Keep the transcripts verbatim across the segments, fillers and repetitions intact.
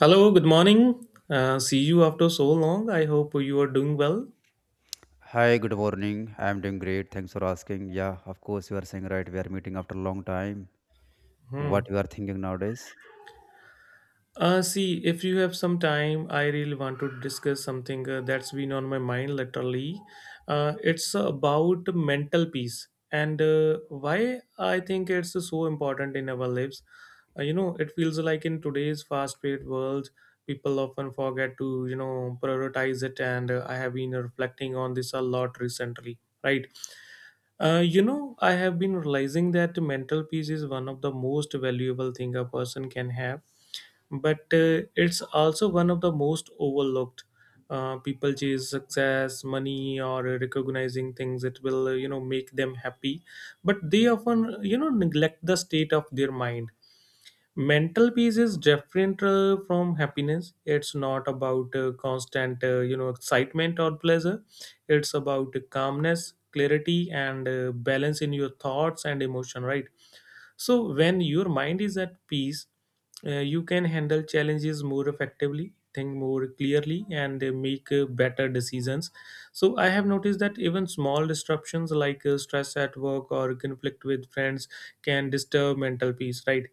Hello, good morning. Uh, see you after so long. I hope you are doing well. Hi, good morning. I'm doing great. Thanks for asking. Yeah, of course, you are saying right. We are meeting after a long time. What Hmm. you are thinking nowadays? Uh, see, if you have some time, I really want to discuss something uh, that's been on my mind literally. Uh, it's about mental peace and uh, why I think it's so important in our lives. Uh, you know, it feels like in today's fast-paced world, people often forget to, you know, prioritize it. And uh, I have been reflecting on this a lot recently, right? Uh, you know, I have been realizing that mental peace is one of the most valuable thing a person can have, but uh, it's also one of the most overlooked. Uh, people chase success, money, or recognizing things that will, uh, you know, make them happy, but they often, you know, neglect the state of their mind. Mental peace is different uh, from happiness. It's not about uh, constant uh, you know excitement or pleasure. It's about calmness, clarity, and uh, balance in your thoughts and emotion, right? So when your mind is at peace, uh, you can handle challenges more effectively, think more clearly, and uh, make uh, better decisions. So I have noticed that even small disruptions like uh, stress at work or conflict with friends can disturb mental peace, right?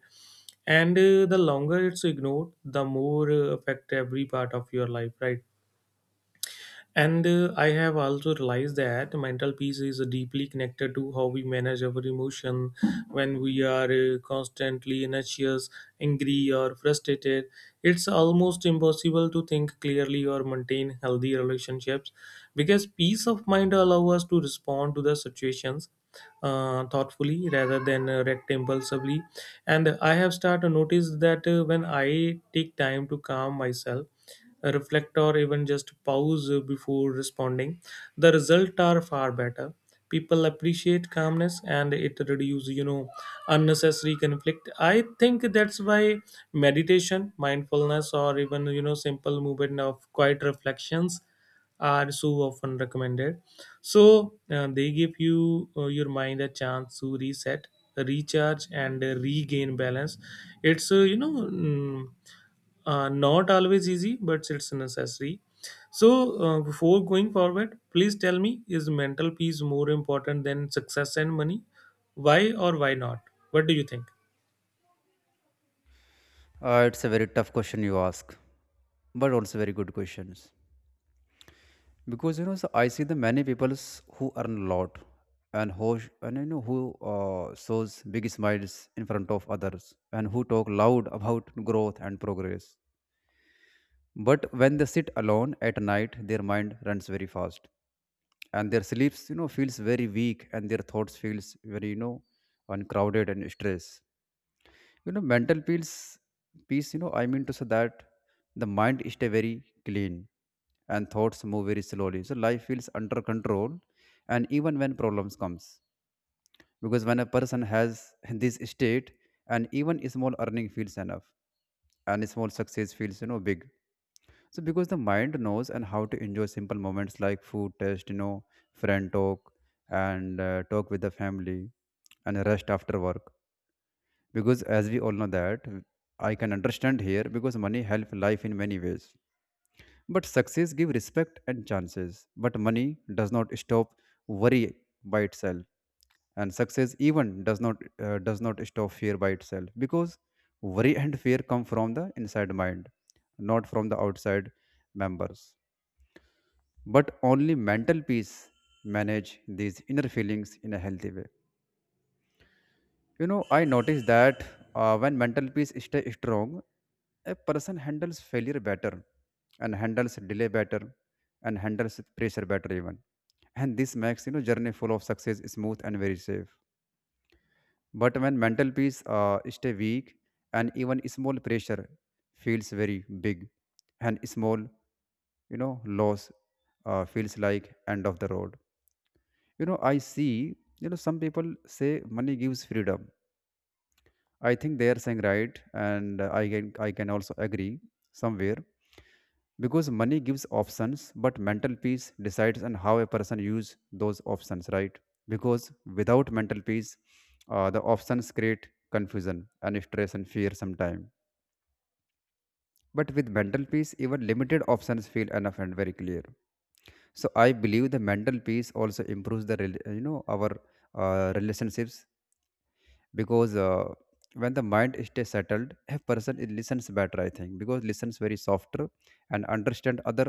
And uh, the longer it's ignored, the more uh, affect every part of your life, right? And uh, I have also realized that mental peace is deeply connected to how we manage our emotion. When we are uh, constantly anxious, angry, or frustrated, it's almost impossible to think clearly or maintain healthy relationships, because peace of mind allows us to respond to the situations uh, thoughtfully rather than uh, react impulsively. And I have started to notice that uh, when I take time to calm myself, reflect, or even just pause before responding, the results are far better. People appreciate calmness and it reduces, you know unnecessary conflict. I think that's why meditation, mindfulness, or even you know simple movement of quiet reflections are so often recommended. So uh, they give you uh, your mind a chance to reset, recharge, and uh, regain balance. It's uh, you know mm, uh, not always easy, but it's necessary. So uh, before going forward, please tell me: is mental peace more important than success and money? Why or why not? What do you think? Uh, it's a very tough question you ask, but also very good questions. Because you know, so I see the many peoples who earn a lot and who sh- and you know who uh, shows big smiles in front of others and who talk loud about growth and progress. But when they sit alone at night, their mind runs very fast and their sleeps you know feels very weak and their thoughts feels very you know uncrowded and stressed, you know, mental peace peace, you know, I mean to say that the mind stay very clean and thoughts move very slowly, so life feels under control and even when problems comes, because when a person has this state and even small earning feels enough and small success feels you know big. So because the mind knows and how to enjoy simple moments like food taste, you know, friend talk and uh, talk with the family and rest after work. Because as we all know that I can understand here because money help life in many ways. But success give respect and chances. But money does not stop worry by itself and success even does not uh, does not stop fear by itself because worry and fear come from the inside mind, not from the outside members, but only mental peace manage these inner feelings in a healthy way. You know, I noticed that uh, when mental peace stay strong, a person handles failure better and handles delay better and handles pressure better even, and this makes you know journey full of success smooth and very safe. But when mental peace uh, stay weak, and even small pressure feels very big and small, you know, loss uh, feels like end of the road. You know, I see you know some people say money gives freedom. I think they are saying right, and uh, I can i can also agree somewhere, because money gives options but mental peace decides on how a person use those options, right? Because without mental peace, uh, the options create confusion and stress and fear sometimes. But with mental peace even limited options feel enough and very clear. So I believe the mental peace also improves the rel- you know our uh, relationships, because uh, when the mind stays settled, a person it listens better, I think, because listens very softer and understand other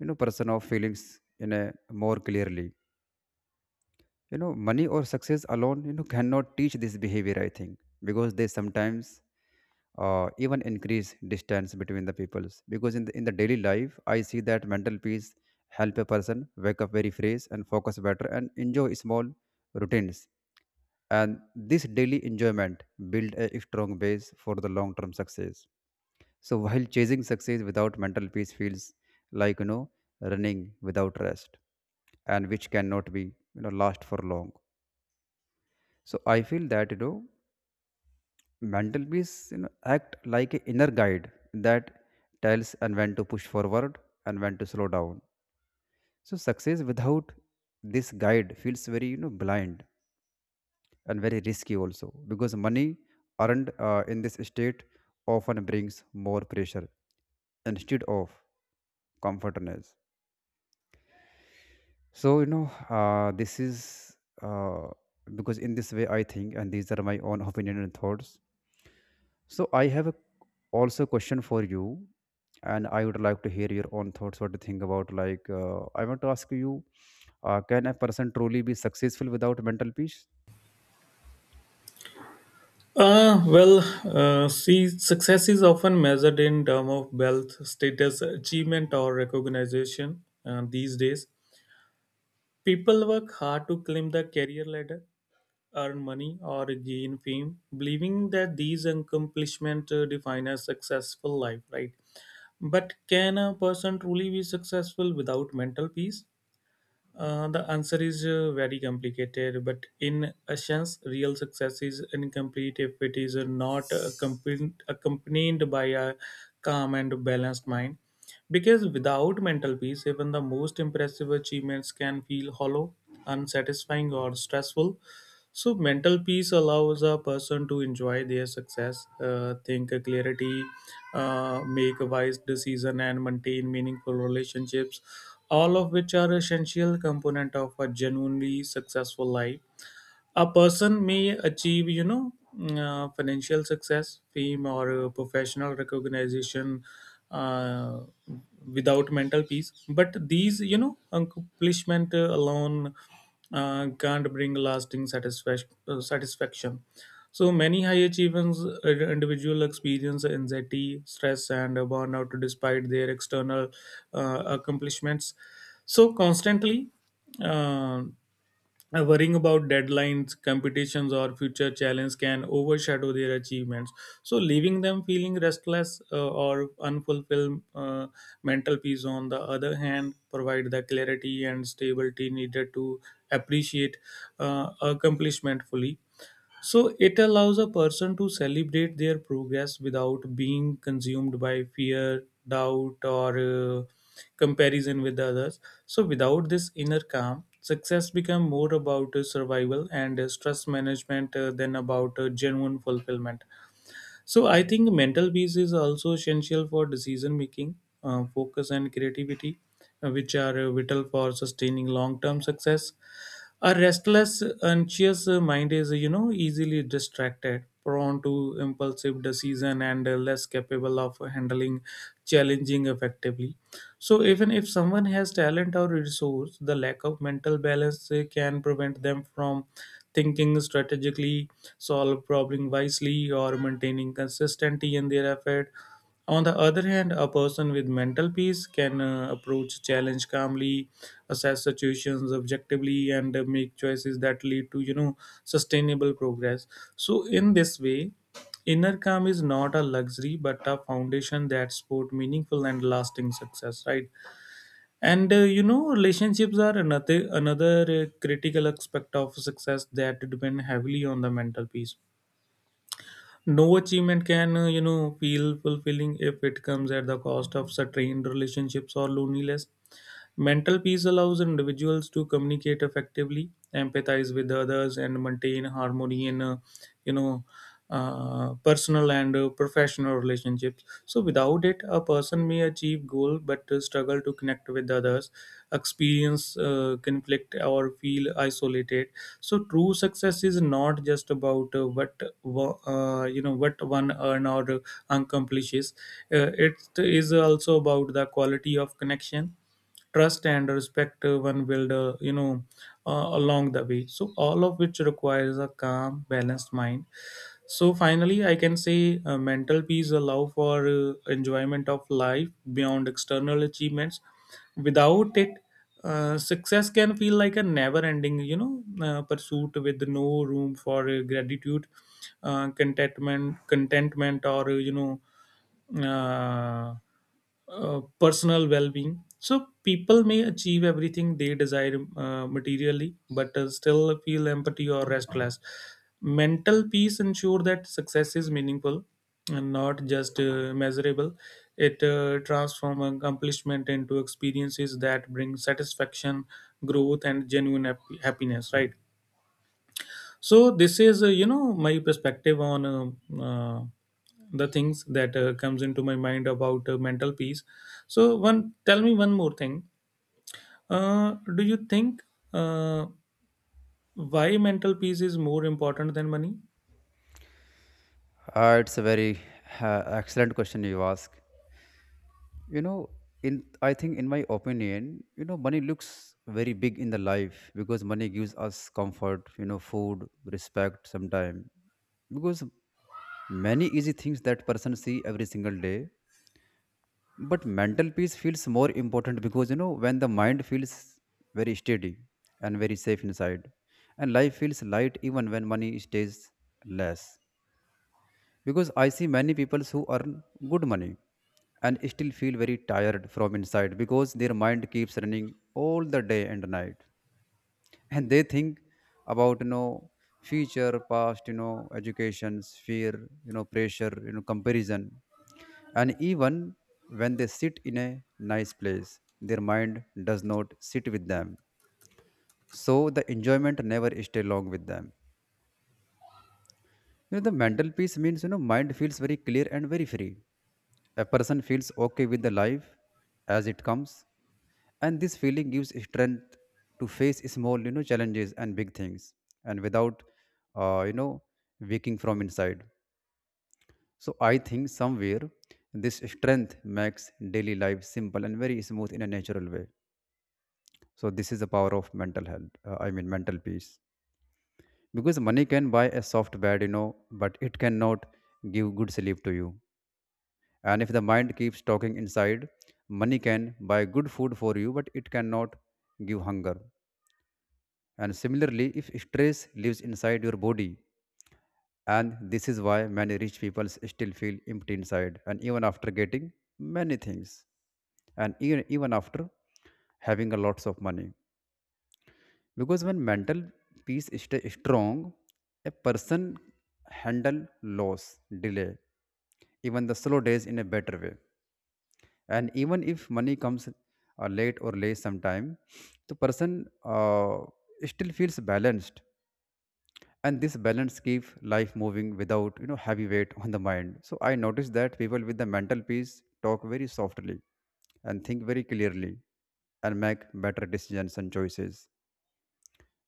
you know person of feelings in a more clearly. You know, money or success alone you know cannot teach this behavior, I think, because they sometimes uh, even increase distance between the peoples, because in the, in the daily life I see that mental peace help a person wake up very fresh and focus better and enjoy small routines, and this daily enjoyment build a strong base for the long term success. So while chasing success without mental peace feels like you know running without rest, and which cannot be you know last for long. So I feel that you know mental peace you know act like an inner guide that tells and when to push forward and when to slow down. So success without this guide feels very you know blind and very risky also, because money earned uh, in this state often brings more pressure instead of comfortness. So you know uh, this is uh, because in this way I think, and these are my own opinion and thoughts. So I have a, also question for you, and I would like to hear your own thoughts what to think about, like uh, I want to ask you, uh, can a person truly be successful without mental peace? Uh, well, uh, see, success is often measured in terms of wealth, status, achievement, or recognition uh, these days. People work hard to climb the career ladder, earn money, or gain fame, believing that these accomplishments uh, define a successful life, right? But can a person truly be successful without mental peace? Uh, the answer is uh, very complicated, but in a sense, real success is incomplete if it is uh, not accompanied, accompanied by a calm and balanced mind. Because without mental peace, even the most impressive achievements can feel hollow, unsatisfying, or stressful. So, mental peace allows a person to enjoy their success, uh, think clarity, uh, make a wise decision, and maintain meaningful relationships, all of which are essential component of a genuinely successful life. A person may achieve you know uh, financial success, fame, or uh, professional recognition uh, without mental peace, but these you know accomplishment uh, alone uh, can't bring lasting satisfaction uh, satisfaction So many high achievers, uh, individual experience anxiety, stress, and burnout despite their external uh, accomplishments. So constantly uh, uh, worrying about deadlines, competitions, or future challenges can overshadow their achievements, so leaving them feeling restless uh, or unfulfilled. Uh, mental peace, on the other hand, provide the clarity and stability needed to appreciate uh, accomplishment fully. So it allows a person to celebrate their progress without being consumed by fear, doubt, or uh, comparison with others. So without this inner calm, success become more about uh, survival and uh, stress management uh, than about uh, genuine fulfillment. So I think mental peace is also essential for decision making, uh, focus, and creativity, uh, which are uh, vital for sustaining long-term success. A restless, anxious uh, mind is, you know, easily distracted, prone to impulsive decision, and uh, less capable of handling challenging effectively. So even if someone has talent or resource, the lack of mental balance uh, can prevent them from thinking strategically, solve problem wisely, or maintaining consistency in their effort. On the other hand, a person with mental peace can uh, approach challenge calmly, assess situations objectively, and uh, make choices that lead to you know sustainable progress. So in this way, inner calm is not a luxury but a foundation that support meaningful and lasting success. Right. And uh, you know, relationships are another another uh, critical aspect of success that depend heavily on the mental peace. No achievement can uh, you know feel fulfilling if it comes at the cost of strained relationships or loneliness. Mental peace allows individuals to communicate effectively, empathize with others, and maintain harmony in uh, you know uh, personal and uh, professional relationships. So without it, a person may achieve goal but uh, struggle to connect with others, experience uh, conflict, or feel isolated. So true success is not just about uh, what wo- uh, you know what one earn or accomplishes. Uh, it is also about the quality of connection, trust, and respect uh, one build uh, you know uh, along the way, so all of which requires a calm, balanced mind. So finally, I can say uh, mental peace allow for uh, enjoyment of life beyond external achievements. Without it, uh, success can feel like a never-ending, you know, uh, pursuit with no room for uh, gratitude, uh, contentment, contentment, or uh, you know, uh, uh, personal well-being. So people may achieve everything they desire uh, materially but uh, still feel empty or restless. Mental peace ensure that success is meaningful and not just uh, measurable. It uh, transforms accomplishment into experiences that bring satisfaction, growth, and genuine hap- happiness, right? So this is uh, you know my perspective on uh, uh, the things that uh, comes into my mind about uh, mental peace. So one tell me one more thing, uh, do you think, uh, why mental peace is more important than money? Uh, it's a very uh, excellent question you ask. You know, in I think in my opinion you know money looks very big in the life, because money gives us comfort, you know, food, respect sometime, because many easy things that person see every single day. But mental peace feels more important because you know when the mind feels very steady and very safe inside, and life feels light even when money stays less. Because I see many people who earn good money and still feel very tired from inside, because their mind keeps running all the day and night and they think about you know future, past, you know, educations, fear, you know, pressure, you know, comparison. And even when they sit in a nice place, their mind does not sit with them, so the enjoyment never stay long with them. You know, the mental peace means, you know, mind feels very clear and very free. A person feels okay with the life as it comes. And this feeling gives strength to face small, you know, challenges and big things and without, uh, you know, waking from inside. So I think somewhere this strength makes daily life simple and very smooth in a natural way. So this is the power of mental health, uh, I mean, mental peace. Because money can buy a soft bed, you know, but it cannot give good sleep to you. And if the mind keeps talking inside, money can buy good food for you, but it cannot give hunger. And similarly, if stress lives inside your body, and this is why many rich people still feel empty inside, and even after getting many things, and even, even after having a lots of money. Because when mental peace is strong, a person handle loss, delay, even the slow days in a better way, and even if money comes uh, late or less sometime, the person uh, still feels balanced, and this balance keeps life moving without you know heavy weight on the mind. So I noticed that people with the mental peace talk very softly and think very clearly and make better decisions and choices,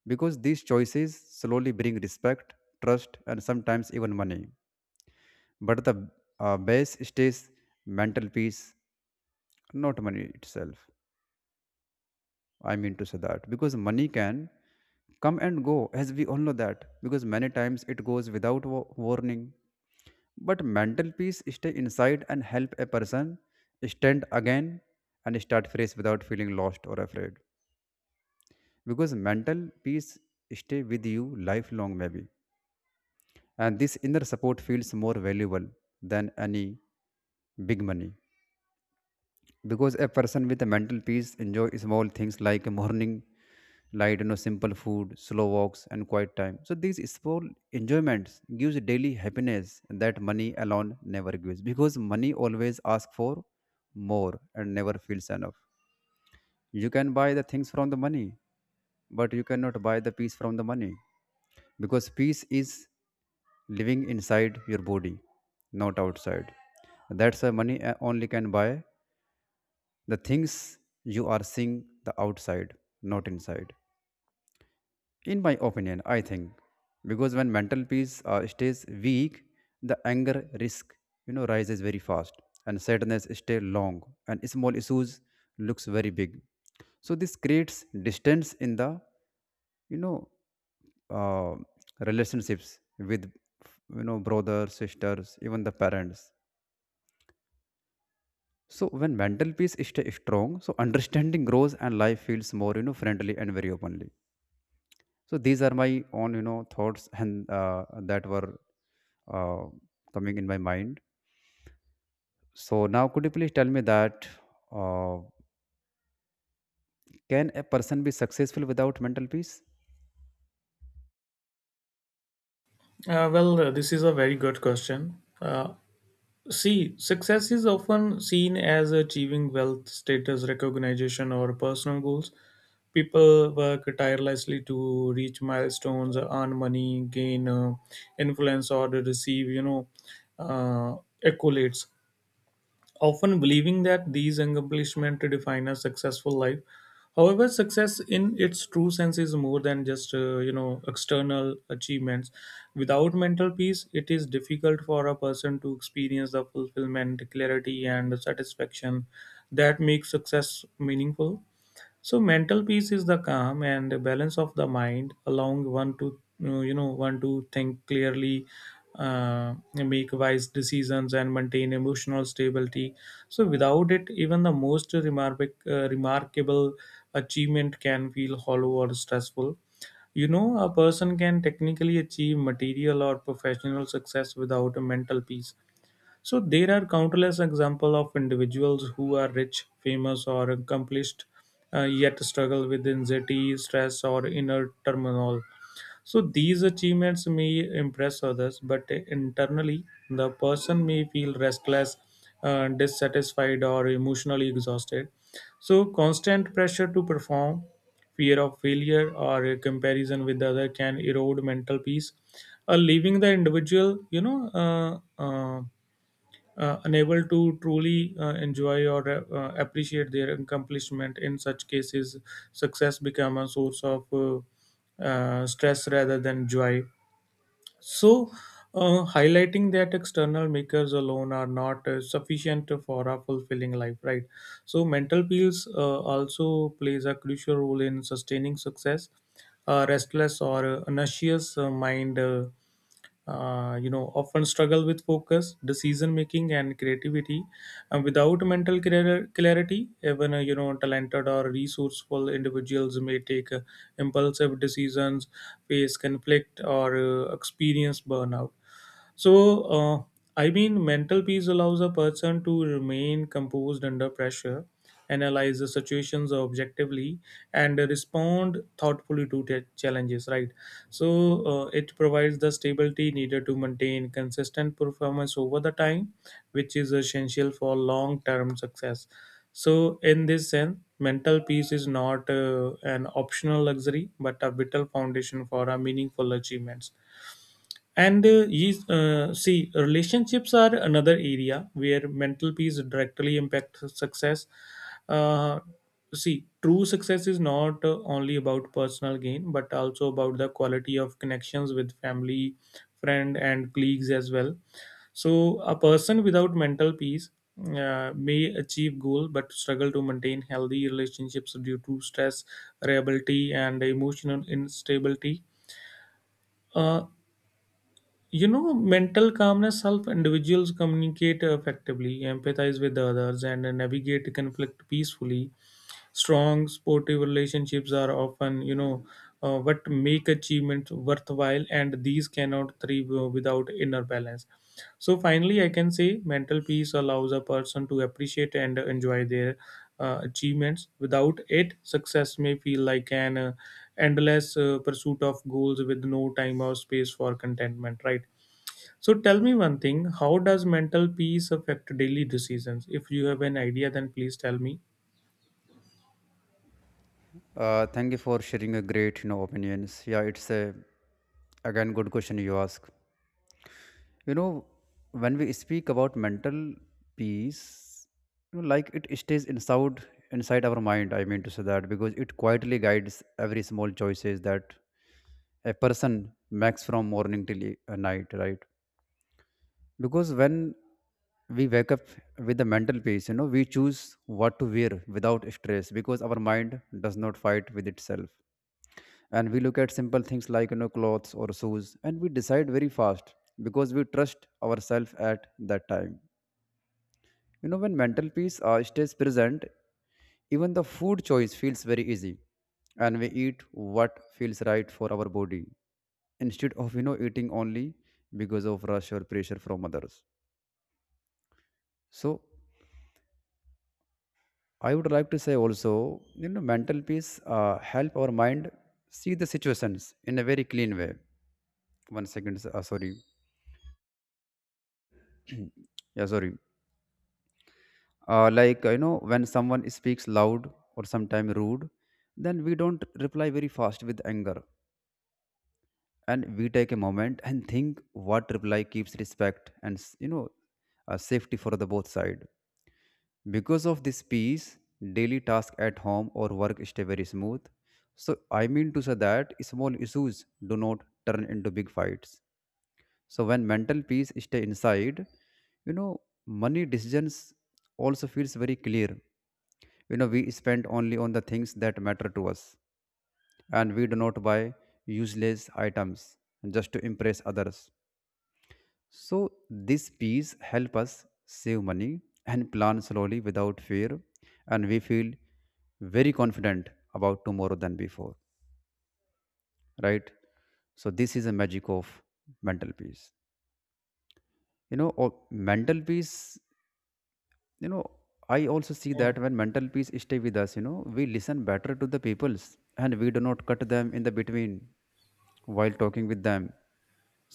because these choices slowly bring respect, trust and sometimes even money, but the uh, base stays mental peace, not money itself. I mean to say that because money can come and go, as we all know that, because many times it goes without wa- warning. But mental peace stay inside and help a person stand again and start fresh without feeling lost or afraid. Because mental peace stay with you lifelong maybe, and this inner support feels more valuable than any big money. Because a person with a mental peace enjoy small things like a morning light, you know, simple food, slow walks and quiet time, so these small enjoyments gives daily happiness that money alone never gives, because money always asks for more and never feels enough. You can buy the things from the money, but you cannot buy the peace from the money, because peace is living inside your body, not outside. That's why money uh, only can buy the things you are seeing the outside, not inside. In my opinion, I think because when mental peace uh, stays weak, the anger risk you know rises very fast, and sadness stay long, and small issues looks very big. So this creates distance in the you know uh, relationships with you know brothers, sisters, even the parents. So when mental peace stay strong, so understanding grows and life feels more you know friendly and very openly. So these are my own you know thoughts and uh, that were uh, coming in my mind. So now could you please tell me that uh, can a person be successful without mental peace? uh, well uh, this is a very good question. Uh, see, success is often seen as achieving wealth, status, recognition, or personal goals. People work tirelessly to reach milestones, earn money, gain uh, influence, or to receive you know uh, accolades, often believing that these accomplishments define a successful life. However, success in its true sense is more than just uh, you know external achievements. Without mental peace, it is difficult for a person to experience the fulfillment, clarity, and satisfaction that makes success meaningful. So mental peace is the calm and the balance of the mind, allowing one to uh, you know one to think clearly, uh, make wise decisions, and maintain emotional stability. So without it, even the most remarkable uh, remarkable achievement can feel hollow or stressful. You know, a person can technically achieve material or professional success without a mental peace. So there are countless examples of individuals who are rich, famous, or accomplished, uh, yet struggle with anxiety, stress, or inner turmoil. So these achievements may impress others, but internally, the person may feel restless, uh, dissatisfied, or emotionally exhausted. So constant pressure to perform, fear of failure, or a comparison with other can erode mental peace, uh, leaving the individual, you know. Uh, uh, uh, unable to truly uh, enjoy or uh, uh, appreciate their accomplishment. In such cases, success become a source of uh, uh, stress rather than joy, so uh, highlighting that external makers alone are not uh, sufficient for a fulfilling life, right? So mental peace uh, also plays a crucial role in sustaining success. A restless or uh, anxious uh, mind uh, uh, you know often struggle with focus, decision making, and creativity, and without mental clar- clarity, even uh, you know talented or resourceful individuals may take uh, impulsive decisions, face conflict, or uh, experience burnout. So, uh, I mean, mental peace allows a person to remain composed under pressure, analyze the situations objectively, and respond thoughtfully to the challenges, right? So, uh, it provides the stability needed to maintain consistent performance over the time, which is essential for long term success. So, in this sense, mental peace is not uh, an optional luxury but a vital foundation for our meaningful achievements. And uh, yes, uh, see, relationships are another area where mental peace directly impacts success. Uh, See, true success is not uh, only about personal gain, but also about the quality of connections with family, friend, and colleagues as well. So, a person without mental peace uh, may achieve goal but struggle to maintain healthy relationships due to stress, reliability, and emotional instability. Uh, you know, mental calmness helps individuals communicate effectively, empathize with others, and navigate conflict peacefully. Strong, supportive relationships are often, you know, uh, what make achievement worthwhile, and these cannot thrive without inner balance. So, finally, I can say mental peace allows a person to appreciate and enjoy their uh, achievements. Without it, success may feel like an uh, endless uh, pursuit of goals with no time or space for contentment, right? So tell me one thing, how does mental peace affect daily decisions? If you have an idea, then please tell me. Uh, thank you for sharing a great you know opinions. Yeah, it's a again good question you ask. you know when we speak about mental peace, you know, like it stays inside inside our mind. I mean to say that Because it quietly guides every small choices that a person makes from morning till e- uh, night, right? Because when we wake up with the mental peace, you know we choose what to wear without stress, because our mind does not fight with itself. And we look at simple things like, you know clothes or shoes, and we decide very fast because we trust ourselves at that time. You know when mental peace uh, stays present, even the food choice feels very easy, and we eat what feels right for our body, instead of you know eating only because of rush or pressure from others. So I would like to say also, you know mental peace uh, help our mind see the situations in a very clean way. One second, s- uh, sorry. Yeah, sorry. Uh, like, you know when someone speaks loud or sometimes rude, then we don't reply very fast with anger, and we take a moment and think what reply keeps respect and s- you know uh, safety for the both side. Because of this peace, daily task at home or work stay very smooth. So I mean to say that small issues do not turn into big fights. So when mental peace stay inside, you know money decisions also feels very clear. You know we spend only on the things that matter to us, and we do not buy useless items just to impress others. So this piece help us save money and plan slowly without fear, and we feel very confident about tomorrow than before, right? So this is a magic of mental peace, you know or mental peace. you know I also see Mm, that when mental peace stay with us, you know we listen better to the peoples, and we do not cut them in the between while talking with them.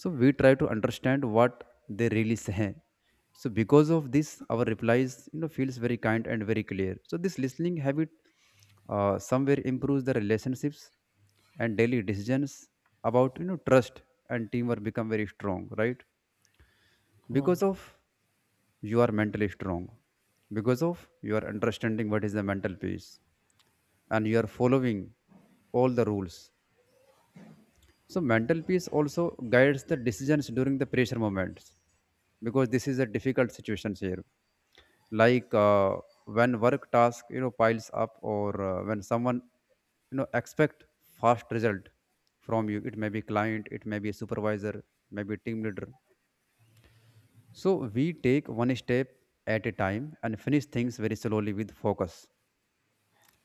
So we try to understand what they really say. So because of this our replies, you know feels very kind and very clear. So this listening habit uh, somewhere improves the relationships, and daily decisions about, you know trust and teamwork become very strong, right? mm, Because of you are mentally strong, because of you are understanding what is the mental peace, and you are following all the rules. So mental peace also guides the decisions during the pressure moments, because this is a difficult situation here. Like, uh, when work task, you know piles up, or uh, when someone, you know expect fast result from you, it may be client, it may be supervisor, maybe team leader. So we take one step at a time and finish things very slowly with focus.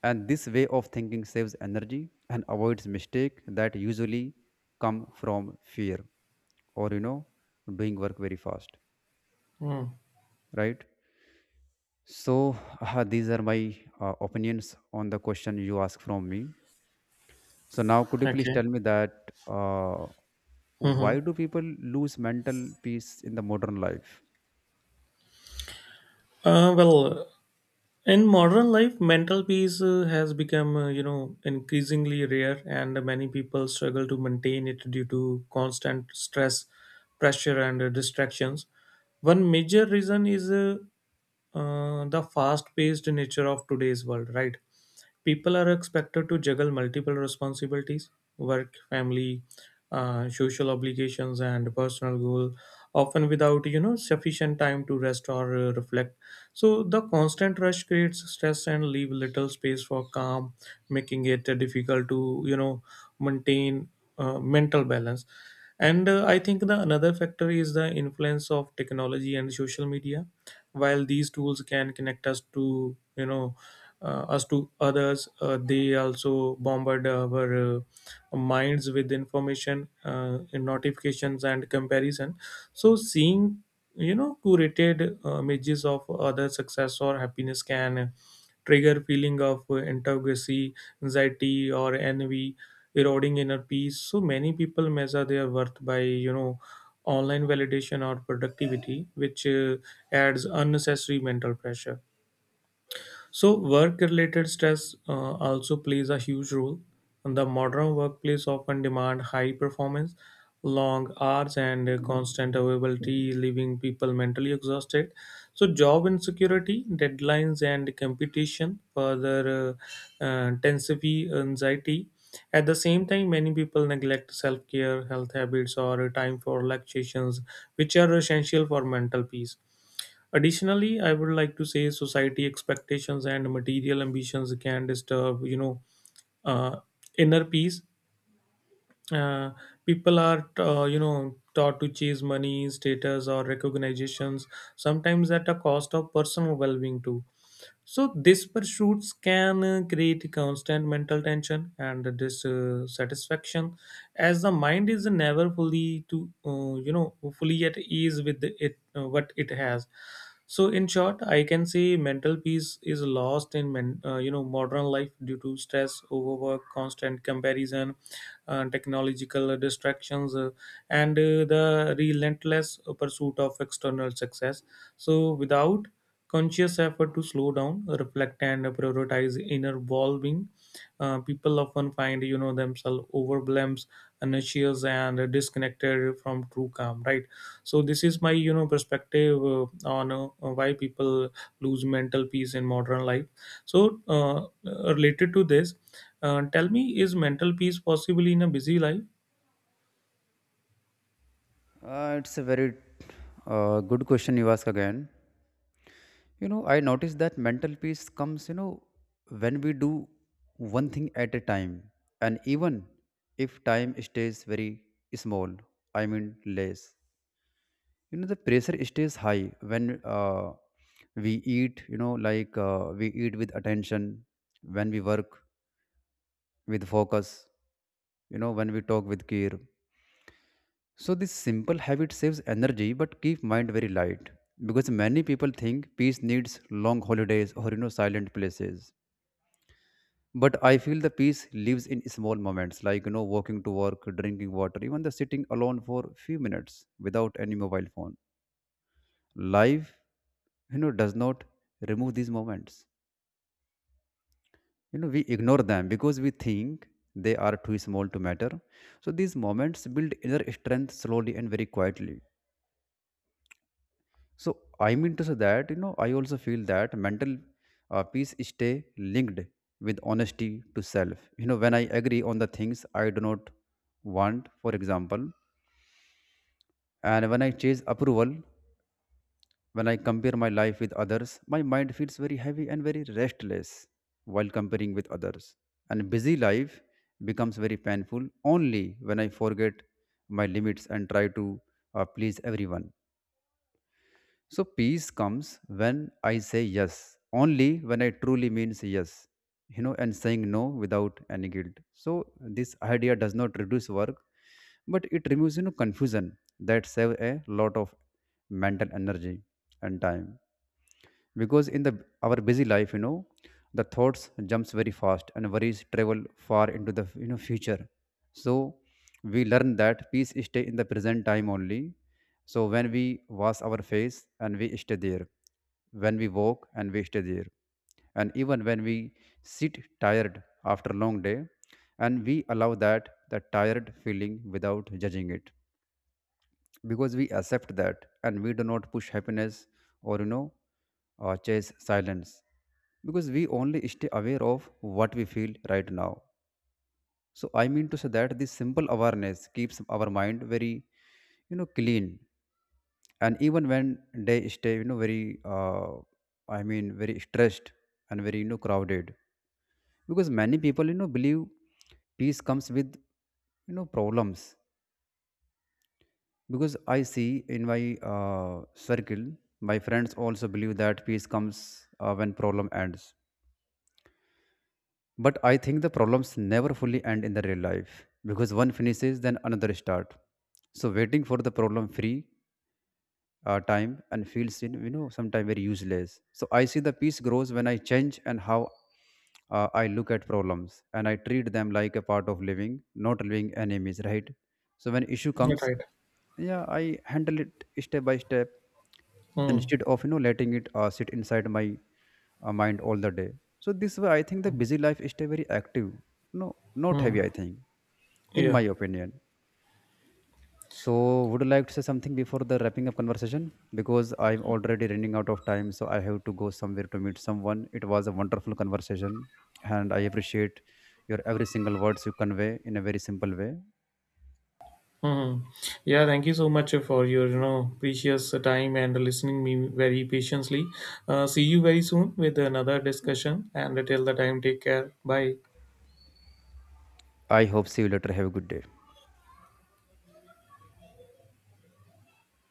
And this way of thinking saves energy and avoids mistake that usually come from fear, or, you know doing work very fast, mm. right? So these are my uh, opinions on the question you asked from me. So now could you please Okay. tell me that uh, hmm why do people lose mental peace in the modern life? Uh, well, in modern life, mental peace uh, has become, uh, you know, increasingly rare, and many people struggle to maintain it due to constant stress, pressure, and uh, distractions. One major reason is uh, uh, the fast-paced nature of today's world, right? People are expected to juggle multiple responsibilities work, family, uh, social obligations, and personal goal, often without you know sufficient time to rest or uh, reflect. So the constant rush creates stress and leave little space for calm, making it uh, difficult to you know maintain uh, mental balance. And uh, I think the another factor is the influence of technology and social media while these tools can connect us to you know uh, us to others uh, they also bombard our uh, minds with information uh, and notifications and comparison so seeing you know curated uh, images of other success or happiness can trigger feeling of uh, inadequacy, anxiety, or envy, eroding inner peace. So many people measure their worth by you know online validation or productivity, which uh, adds unnecessary mental pressure. So, work related stress uh, also plays a huge role. And the modern workplace often demand high performance, long hours, and uh, constant availability, leaving people mentally exhausted. So, job insecurity, deadlines, and competition further uh, uh, intensify anxiety. At the same time, many people neglect self care, health habits, or time for relaxations, which are essential for mental peace. Additionally, I would like to say society expectations and material ambitions can disturb, you know, uh, inner peace. Uh, People are, uh, you know, taught to chase money, status, or recognitions, sometimes at a cost of personal well-being too. So these pursuits can uh, create constant mental tension and dissatisfaction, as the mind is never fully to uh, you know fully at ease with it uh, what it has. So in short, I can say mental peace is lost in men, uh, you know modern life due to stress, overwork, constant comparison, uh, technological distractions, uh, and uh, the relentless pursuit of external success. So without conscious effort to slow down reflect and prioritize inner well-being, uh, people often find you know themselves overwhelmed, anxious, and disconnected from true calm, right? So this is my you know perspective uh, on uh, why people lose mental peace in modern life. So uh, uh, related to this, uh, tell me, is mental peace possible in a busy life? Uh, it's a very uh, good question you ask again. You know, I noticed that mental peace comes, you know, when we do one thing at a time. And even if time stays very small, I mean less, you know, the pressure stays high when, uh, we eat, you know, like uh, we eat with attention, when we work with focus, you know, when we talk with care. So this simple habit saves energy but keep mind very light. Because many people think peace needs long holidays or, you know silent places, but I feel the peace lives in small moments, like, you know walking to work, drinking water, even the sitting alone for few minutes without any mobile phone. Life, you know does not remove these moments. You know we ignore them because we think they are too small to matter. So these moments build inner strength slowly and very quietly. So I mean to say that, you know I also feel that mental uh, peace stay linked with honesty to self. You know, when I agree on the things I do not want, for example, and when I chase approval, when I compare my life with others, my mind feels very heavy and very restless while comparing with others. And busy life becomes very painful only when I forget my limits and try to uh, please everyone. So peace comes when I say yes, only when I truly means yes, you know, and saying no without any guilt. So this idea does not reduce work, but it removes, you know confusion, that save a lot of mental energy and time. Because in the our busy life, you know the thoughts jumps very fast and worries travel far into the, you know future. So we learn that peace stay in the present time only. So when we wash our face and we stay there, when we walk and we stay there, and even when we sit tired after long day, and we allow that the tired feeling without judging it, because we accept that and we do not push happiness, or, you know uh, chase silence, because we only stay aware of what we feel right now. So I mean to say that this simple awareness keeps our mind very, you know clean, and even when they stay, you know very uh, i mean very stressed and very, you know crowded. Because many people, you know believe peace comes with, you know problems. Because I see in my uh, circle, my friends also believe that peace comes uh, when problem ends. But I think the problems never fully end in the real life, because one finishes then another start. So waiting for the problem free uh, time and feels in, you know sometimes very useless. So I see the peace grows when I change and how uh, I look at problems, and I treat them like a part of living, not living enemies, right? So when issue comes, Right. yeah, I handle it step by step, Hmm. instead of, you know letting it uh, sit inside my uh, mind all the day. So this way I think the busy life stay very active, no, not heavy, I Hmm. think, in Yeah. my opinion. So, would you like to say something before the wrapping up conversation? Because I'm already running out of time, so I have to go somewhere to meet someone. It was a wonderful conversation, and I appreciate your every single words you convey in a very simple way. hmm Yeah, thank you so much for your you know precious time and listening me very patiently. Uh, see you very soon with another discussion. And till the time, take care. Bye. I hope see you later. Have a good day.